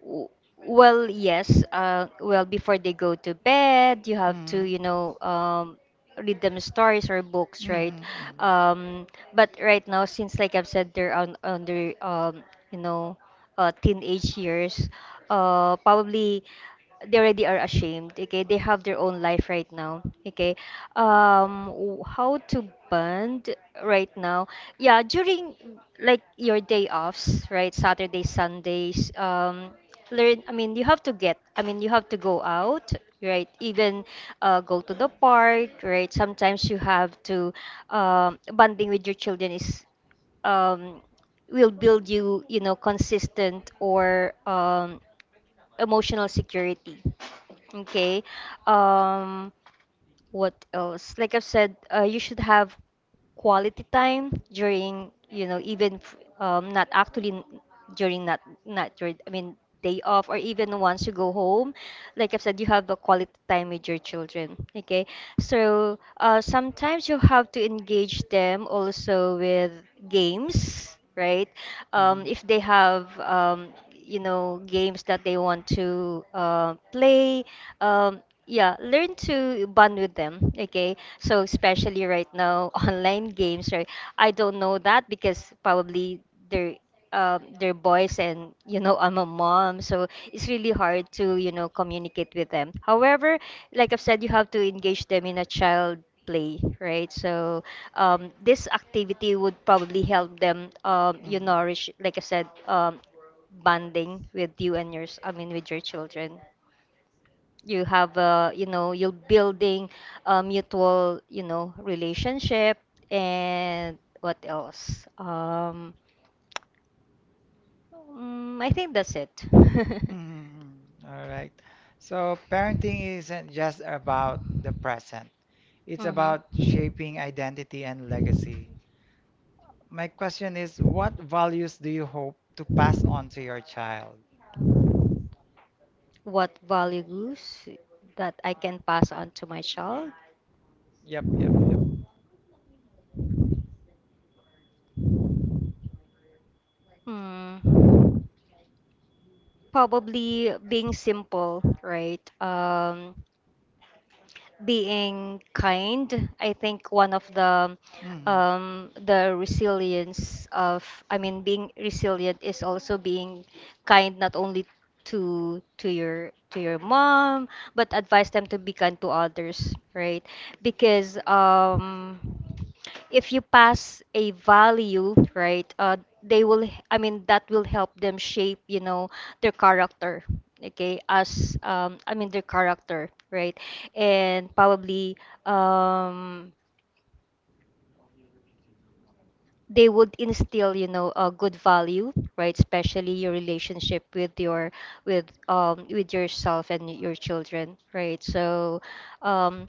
S2: W- well, yes. Uh, well, before they go to bed, you have to,
S1: Mm-hmm.
S2: you know, um, read them stories or books, right?
S1: Mm-hmm.
S2: Um, but right now, since like I've said, they're on on their, um, you know, uh, teenage years. Uh, probably they already are ashamed, okay, they have their own life right now, okay, um w- how to bond right now. Yeah, during like your day offs, right? Saturdays, Sundays, um learn, I mean, you have to get, I mean, you have to go out, right? Even uh, go to the park, right? Sometimes you have to um, bonding with your children is um, will build you, you know, consistent or um, emotional security. Okay. Um, what else? Like I've said, uh, you should have quality time during, you know, even f- um, not actually n- during, not not during, I mean, day off or even once you go home. Like I've said, you have a quality time with your children. Okay. So uh, sometimes you have to engage them also with games, right? Um, if they
S1: Mm-hmm.
S2: have, um, you know, games that they want to uh, play. Um, yeah, learn to bond with them, okay, so especially right now, online games, right? I don't know that because probably they're um, they're boys and you know I'm a mom, so it's really hard to you know communicate with them. However, like I've said, you have to engage them in a child play, right? So um, this activity would probably help them um, you
S1: Mm-hmm.
S2: nourish, like I said, um, bonding with you and yours I mean with your children, you have a, you know, you're building a mutual, you know, relationship. And what else? Um mm, I think that's it.
S1: Mm-hmm. All right. So parenting isn't just about the present. It's
S2: Mhm.
S1: about shaping identity and legacy. My question is, what values do you hope to pass on to your child?
S2: What values that I can pass on to my child?
S1: Yep, yep, yep.
S2: Hmm. Probably being simple, right? Um being kind. I think one of the
S1: Mm,
S2: um, the resilience of I mean being resilient is also being kind, not only to to your to your mom, but advise them to be kind to others, right? Because um if you pass a value, right, uh, they will, I mean, that will help them shape, you know, their character, okay, as, um, I mean, their character, right, and probably, um, they would instill, you know, a good value, right, especially your relationship with your, with, um, with yourself and your children, right, so, um,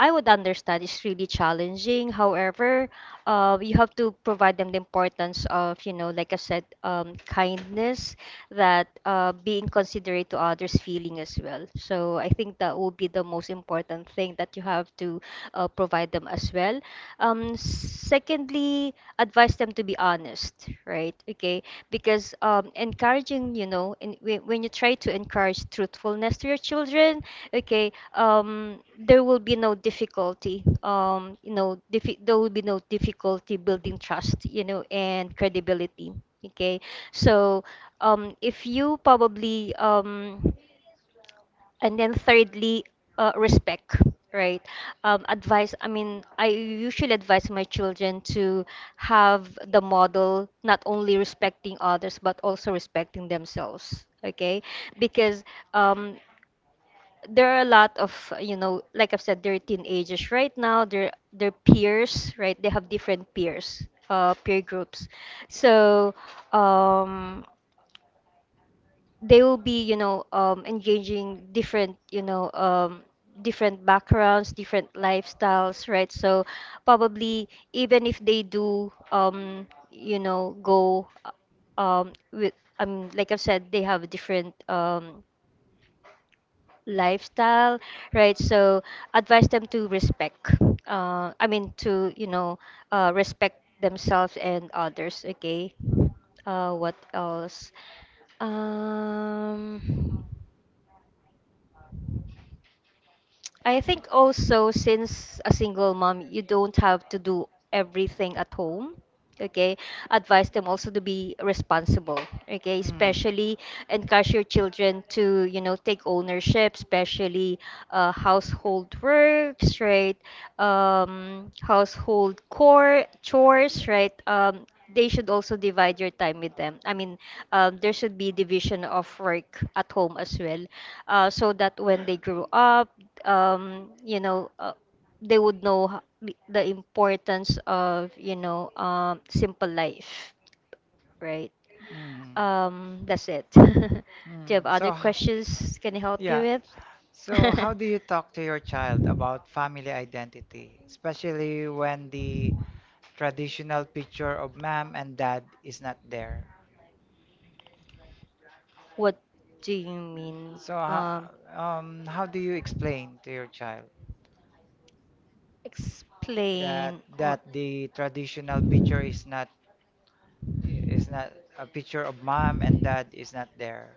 S2: I would understand it's really challenging. However, uh, you have to provide them the importance of, you know, like I said, um, kindness, that uh, being considerate to others' feeling as well. So I think that will be the most important thing that you have to uh, provide them as well. Um, secondly, advise them to be honest, right? Okay, because um, encouraging, you know, in, when when you try to encourage truthfulness to your children, okay, um there will be no difficulty, um you know, diffi- there will be no difficulty building trust, you know, and credibility. Okay, so, um if you probably, um and then thirdly, uh, respect, right. Um, advice I mean, I usually advise my children to have the model, not only respecting others, but also respecting themselves. Okay, because um, there are a lot of, uh, you know, like I've said, they're teenagers right now, they're they're peers, right, they have different peers, uh peer groups. So, um they will be, you know, um engaging different, you know, um different backgrounds, different lifestyles, right? So probably, even if they do, um you know, go, um with, um like I've said, they have different, um lifestyle, right? So advise them to respect. Uh, I mean, to, you know, uh, respect themselves and others. Okay. Uh, what else? Um, I think also, since a single mom, you don't have to do everything at home. Okay, advise them also to be responsible. Okay,
S1: mm,
S2: especially encourage your children to, you know, take ownership, especially uh, household works, right, um, household core chores, right. Um, they should also divide your time with them, I mean, um, there should be division of work at home as well, uh, so that when they grow up, um, you know, uh, they would know, ho- the the importance of, you know, um, simple life, right?
S1: mm,
S2: Um, that's it. Do you have
S1: mm.
S2: other
S1: So, h-
S2: questions? Can I help you
S1: yeah.
S2: with?
S1: So, how do you talk to your child about family identity, especially when the traditional picture of mom and dad is not there?
S2: What do you mean?
S1: So,
S2: Um,
S1: ho- um, how do you explain to your child that
S2: Explain or
S1: that the traditional picture is not is not a picture of mom and dad is not there?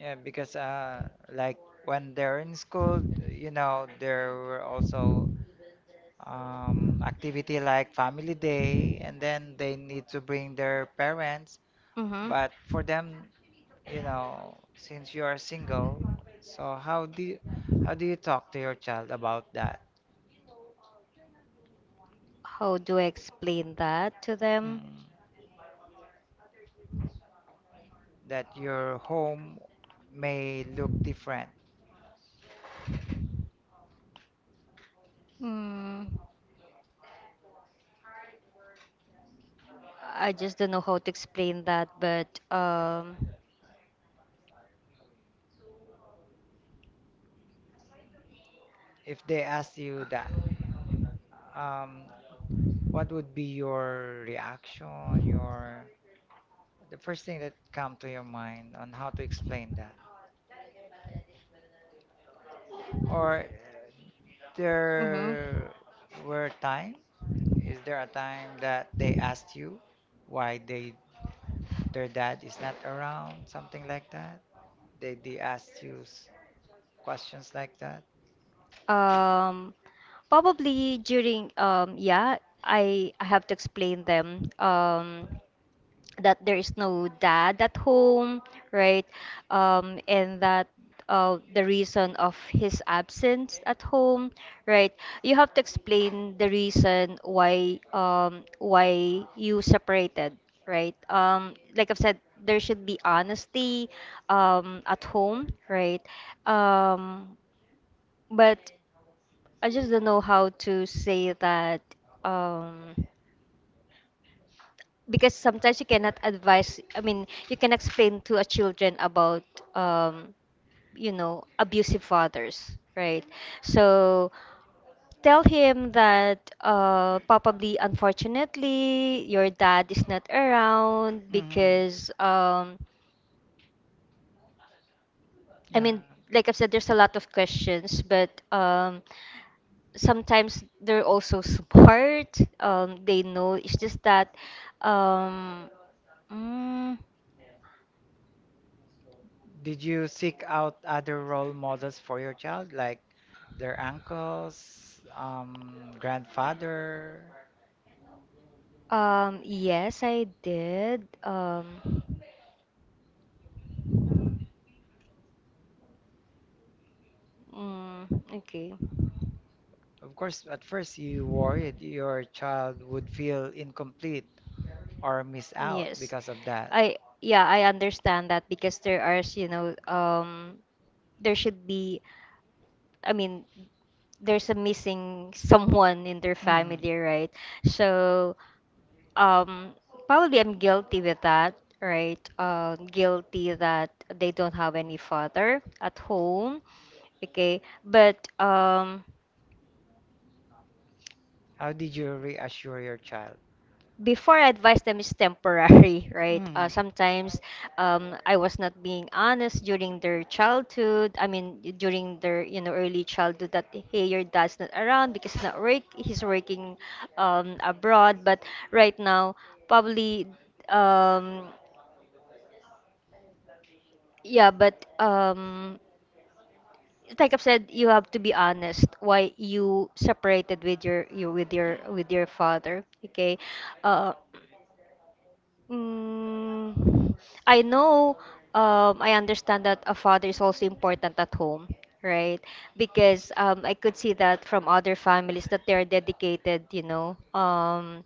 S1: Yeah, because uh, like when they're in school, you know, there were also um, activity like family day, and then they need to bring their parents.
S2: mm-hmm.
S1: But for them, you know, since you are single, so how do you, how do you talk to your child about that?
S2: How do I explain that to them?
S1: Mm, that your home may look different.
S2: Mm, I just don't know how to explain that, but um,
S1: If they ask you that, um, what would be your reaction, your The first thing that come to your mind on how to explain that, or uh,
S2: mhm.
S1: there were time? Is there a time that they asked you why they their dad is not around, something like that? They they asked you s- questions like that?
S2: Um, Probably during um yeah, I I have to explain them um that there is no dad at home, right? Um, and that uh, the reason of his absence at home, right? You have to explain the reason why, um why you separated, right? Um, like I've said, there should be honesty um at home, right? Um, but I just don't know how to say that, um, because sometimes you cannot advise. I mean, you can explain to a children about, um, you know, abusive fathers, right? So tell him that, uh, probably unfortunately your dad is not around
S1: Hmm.
S2: because um, I
S1: Yeah.
S2: mean, like I've said, there's a lot of questions, but um, sometimes they're also smart. Um, they know. It's just that, um, mm,
S1: Did you seek out other role models for your child, like their uncles, um, grandfather?
S2: um, yes, I did. Um, mm, okay.
S1: Of course, at first you worried your child would feel incomplete or miss out
S2: Yes.
S1: because of that.
S2: I yeah, I understand that because there are, you know, um there should be, I mean, there's a missing someone in their
S1: Mhm.
S2: family, right? So, um probably I'm guilty with that, right? Uh, guilty that they don't have any father at home. Okay, but um
S1: How did you reassure your child?
S2: before advice them is temporary, right? Uh,
S1: Mhm.
S2: sometimes um, I was not being honest during their childhood. I mean, during their, you know, early childhood that, hey, your dad's not around because he's not work he's working um, abroad. But right now, probably, um, yeah. But um, like I've said, you have to be honest why you separated with your, you with your with your father. Okay, uh, Mm, I know, um, I understand that a father is also important at home, right? Because um, I could see that from other families that they are dedicated, you know, um,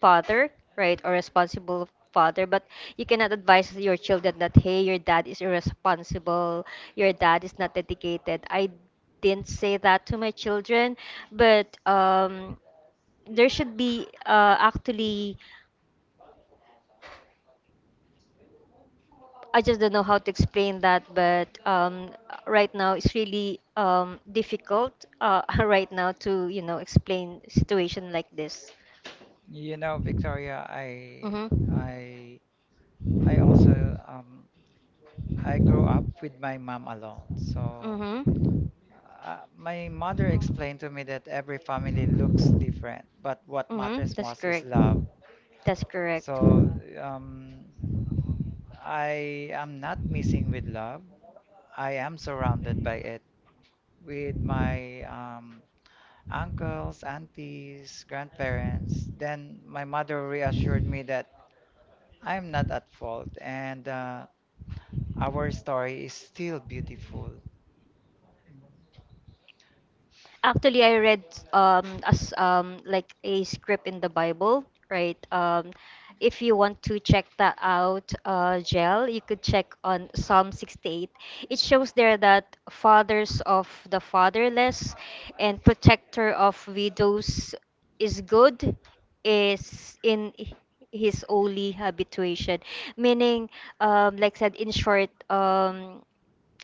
S2: father, right, or responsible father. But you cannot advise your children that, hey, your dad is irresponsible, your dad is not dedicated. I didn't say that to my children, but um, there should be uh, actually. I just don't know how to explain that, but um, right now it's really um, difficult uh, right now to, you know, explain situation like this.
S1: You know, Victoria, I
S2: Mm-hmm.
S1: I I also, um I grew up with my mom alone. So
S2: Mm-hmm.
S1: uh, my mother explained to me that every family looks different, but what
S2: Mm-hmm.
S1: matters
S2: That's
S1: most is
S2: correct.
S1: love.
S2: That's correct.
S1: So um I am not missing with love. I am surrounded by it with my um, uncles, aunties, grandparents. Then my mother reassured me that I'm not at fault and uh, our story is still beautiful.
S2: Actually, I read um as um like a script in the Bible, right? Um, if you want to check that out, uh, Jel, you could check on Psalm sixty-eight. It shows there that fathers of the fatherless and protector of widows is good, is in his only habituation. Meaning, um, like said in short, um.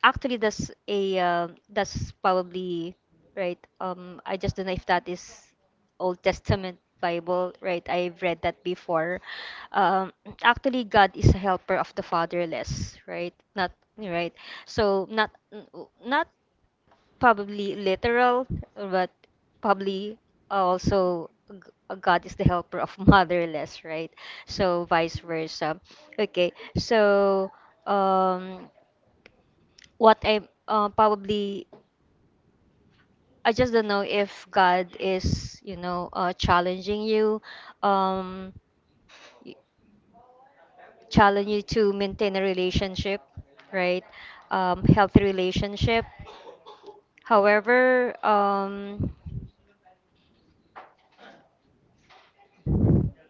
S2: Actually, that's a uh, that's probably right. Um, I just don't know if that is Old Testament Bible, right? I've read that before. Um, Actually, God is a helper of the fatherless, right? Not right. So not not probably literal, but probably also g- God is the helper of motherless, right? So vice versa. Okay, so um, what I, uh, probably I just don't know if God is, you know, uh, challenging you, um, y- challenge you to maintain a relationship, right? Um, healthy relationship. However, um,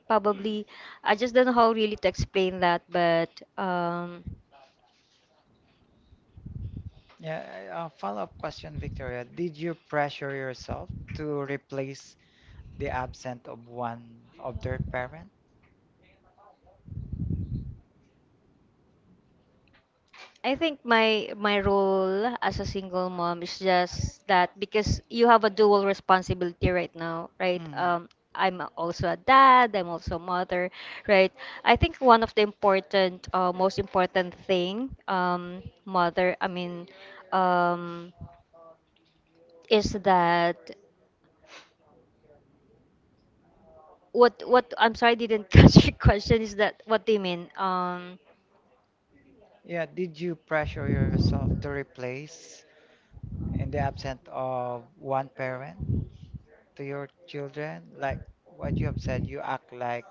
S2: probably I just don't know how really to explain that, but um,
S1: Yeah, I- a follow-up question, Victoria. Did you pressure yourself to replace the absent of one of their parent?
S2: I think my my role as a single mom is just that, because you have a dual responsibility right now, right?
S1: Hmm.
S2: Um, I'm also a dad, I'm also a mother, right? I think one of the important, uh, most important thing, um, mother, I mean, um, is that. What what I'm sorry, I didn't catch your question is that, what they mean? Um
S1: Yeah, did you pressure yourself to replace in the absent of one parent? To your children? Like what you have said, you act like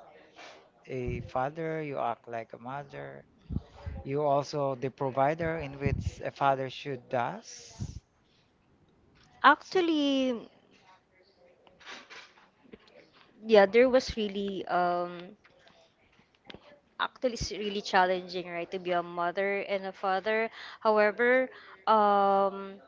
S1: a father, you act like a mother. You also the provider in which a father should does. So,
S2: actually, yeah, there was really um actually, it's really challenging, right, to be a mother and a father. However, um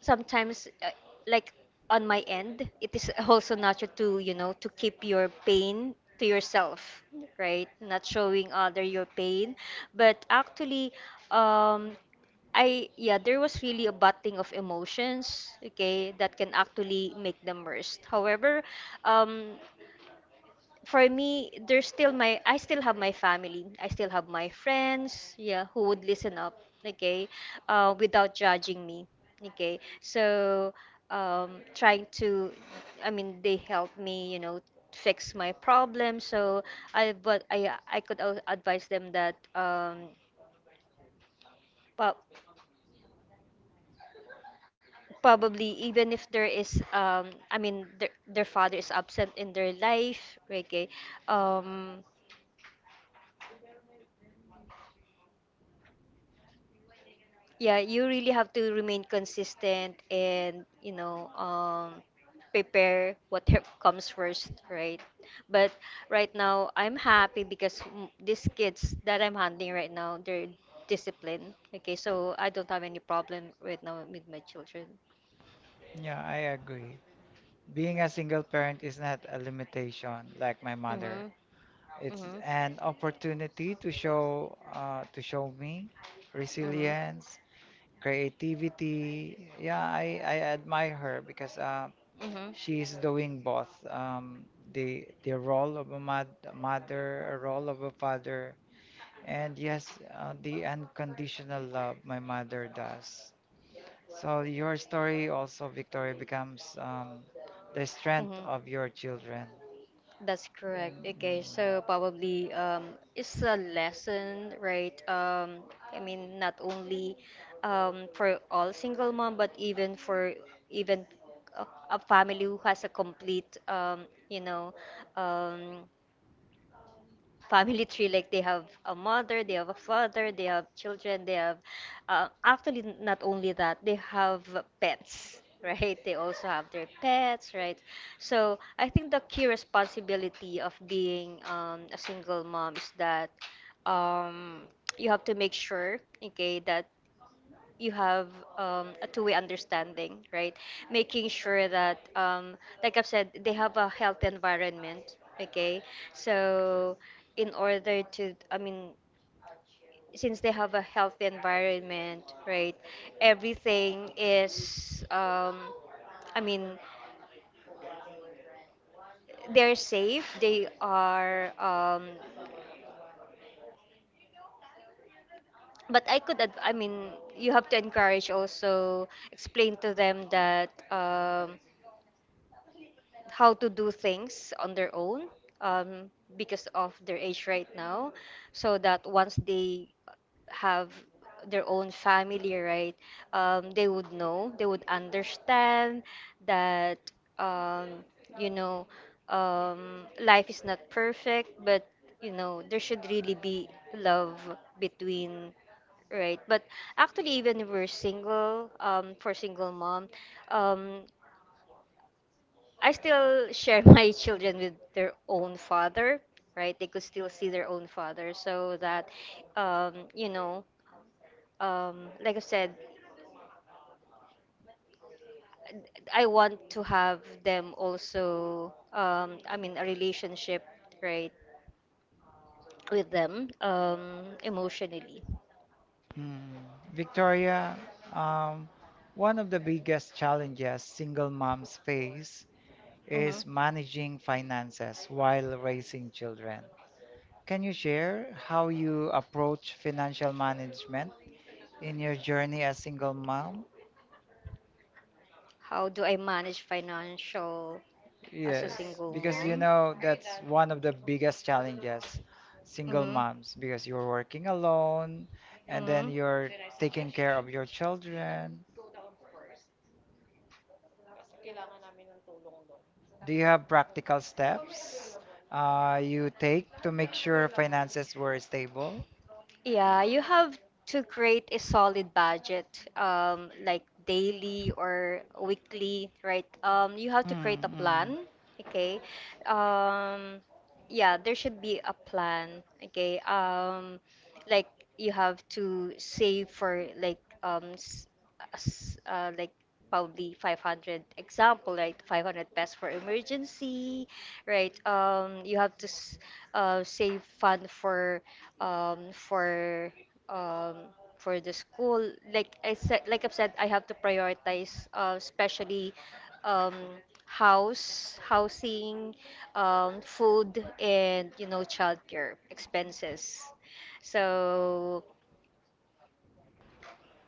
S2: sometimes, uh, like on my end, it is also natural to, you know, to keep your pain to yourself, right, not showing other your pain, but actually, um I yeah, there was really a butting of emotions, okay, that can actually make them worse. However, um for me, there's still my, I still have my family. I still have my friends, yeah, who would listen up, okay, uh, without judging me, okay. So, um, trying to, I mean, they help me, you know, fix my problem. So I but I I could al- advise them that, um, but probably, even if there is, um I mean, their, their father is absent in their life. Okay, um yeah, you really have to remain consistent and, you know, um prepare what comes first, right? But right now I'm happy because, mm, these kids that I'm handling right now, they're disciplined. Okay, so I don't have any problem right now with my children.
S1: yeah, I agree. Being a single parent is not a limitation like my
S2: Mm-hmm,
S1: mother. It's
S2: mm-hmm,
S1: an opportunity to show uh, to show me
S2: mm-hmm,
S1: resilience, creativity. Yeah, I, I admire her because uh,
S2: mm-hmm,
S1: she's doing both um, the the role of a mad, mother, a role of a father, and yes, uh, the unconditional love my mother does. So your story also, Victoria, becomes um, the strength
S2: mm-hmm.
S1: of your children.
S2: That's correct. Okay,
S1: Mm.
S2: so probably, um, it's a lesson, right? Um, I mean, not only um, for all single mom, but even for even a, a family who has a complete, um, you know, um, family tree, like they have a mother, they have a father, they have children, they have, uh, actually not only that, they have pets, right, they also have their pets, right? So I think the key responsibility of being, um, a single mom is that, um, you have to make sure, okay, that you have um, a two-way understanding, right? Making sure that, um, like I've said, they have a healthy environment. Okay, so in order to, I mean, since they have a healthy environment, right? Everything is, um, I mean, they're safe. They are. Um, but I could, ad- I mean, you have to encourage also, explain to them that. Um, how to do things on their own, um, because of their age right now, so that once they have their own family, right, um, they would know, they would understand that, um, you know, um, life is not perfect, but you know, there should really be love between, right? But actually, even if we're single, um, for single mom, um, I still share my children with their own father, right? They could still see their own father, so that, um, you know, um, like I said, I want to have them also. Um, I mean, a relationship, right, with them, um, emotionally.
S1: Mm. Victoria, um, one of the biggest challenges single moms face
S2: Hmm.
S1: is managing finances while raising children. Can you share how you approach financial management in your journey as single mom?
S2: How do I manage financial as a
S1: Yes,
S2: single
S1: because you
S2: mom?
S1: know that's one of the biggest challenges, single
S2: Mm-hmm.
S1: moms, because you're working alone and then
S2: Mm-hmm.
S1: you're taking care of your children. Do you have practical steps uh, you take to make sure finances were stable?
S2: Yeah, you have to create a solid budget, um, like daily or weekly, right? Um, you have to create a
S1: Mm-hmm.
S2: plan, okay? Um, yeah, there should be a plan, okay? Um, like you have to save for like, um, s- s- uh, like probably five hundred example, right? five hundred pesos for emergency, right? Um, you have to s- uh, save fund for, um, for, um, for the school. Like I said, like I've said, I have to prioritize, uh, especially um, house, housing, um, food, and, you know, childcare expenses. So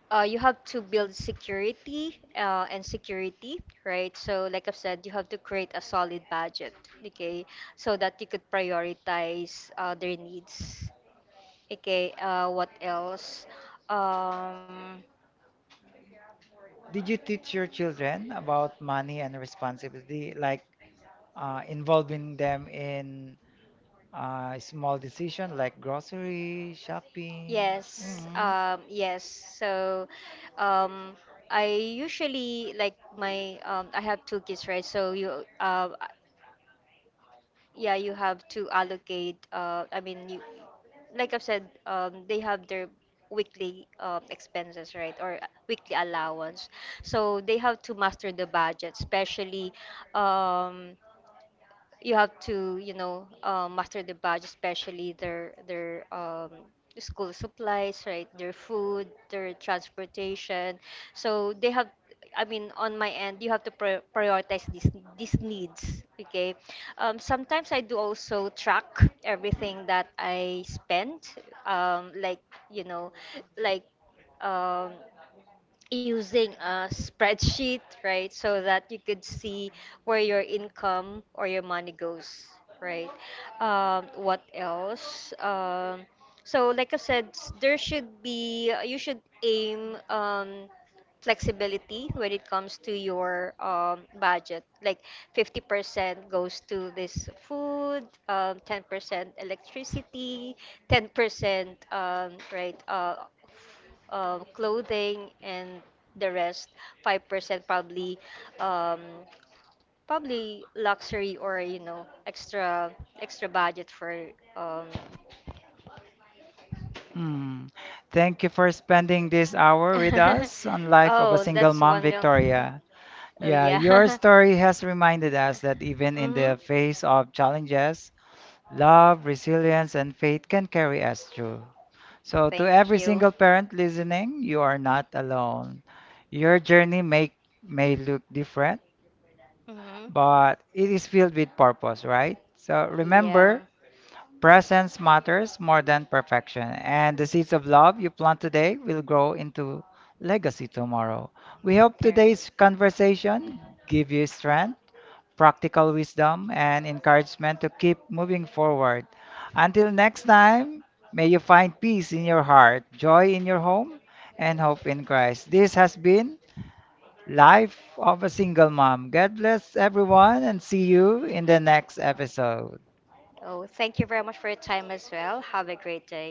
S2: uh, you have to build security uh, and security, right? So like I've said, you have to create a solid budget, okay, so that you could prioritize uh, their needs. Okay, uh, what else? Um,
S1: Did you teach your children about money and responsibility? Like, uh, involving them in uh, small decision like grocery shopping.
S2: yes,
S1: Mhm.
S2: um, yes. So, um, I usually like my, um, I have two kids, right? So you, uh, yeah, you have to allocate. Uh, I mean, you, like I've said, um, they have their weekly um, expenses, right, or weekly allowance. So they have to master the budget, especially, um, you have to, you know, uh, master the budget, especially their their um, school supplies, right, their food, their transportation. So they have, I mean, on my end, you have to pri- prioritize these these needs. Okay, um, sometimes I do also track everything that I spend, um, like, you know, like um, using a spreadsheet, right? So that you could see where your income or your money goes, right? Um, what else? Um, so, like I said, s- there should be, you should aim um, flexibility when it comes to your um, budget. Like fifty percent goes to this food, um, ten percent electricity, ten percent um, right uh, uh, clothing, and the rest five percent probably um, probably luxury or, you know, extra extra budget for, um,
S1: Mm. Thank you for spending this hour with us on Life
S2: oh,
S1: of a
S2: that's
S1: Single Mom,
S2: wonderful.
S1: Victoria.
S2: Oh,
S1: Yeah,
S2: yeah.
S1: your story has reminded us that even in
S2: Mhm.
S1: the face of challenges, love, resilience, and faith can carry us through. So, to
S2: Thank
S1: every
S2: you.
S1: single parent listening, you are not alone. Your journey may, may look different
S2: Hmm.
S1: but it is filled with purpose, right? So
S2: Yeah.
S1: remember, presence matters more than perfection, and the seeds of love you plant today will grow into legacy tomorrow. We
S2: All
S1: hope
S2: right.
S1: today's conversation give you strength, practical wisdom, and encouragement to keep moving forward. Until next time, may you find peace in your heart, joy in your home, and hope in Christ. This has been Life of a Single Mom. God bless everyone and see you in the next episode.
S2: Oh, thank you very much for your time as well. Have a great day.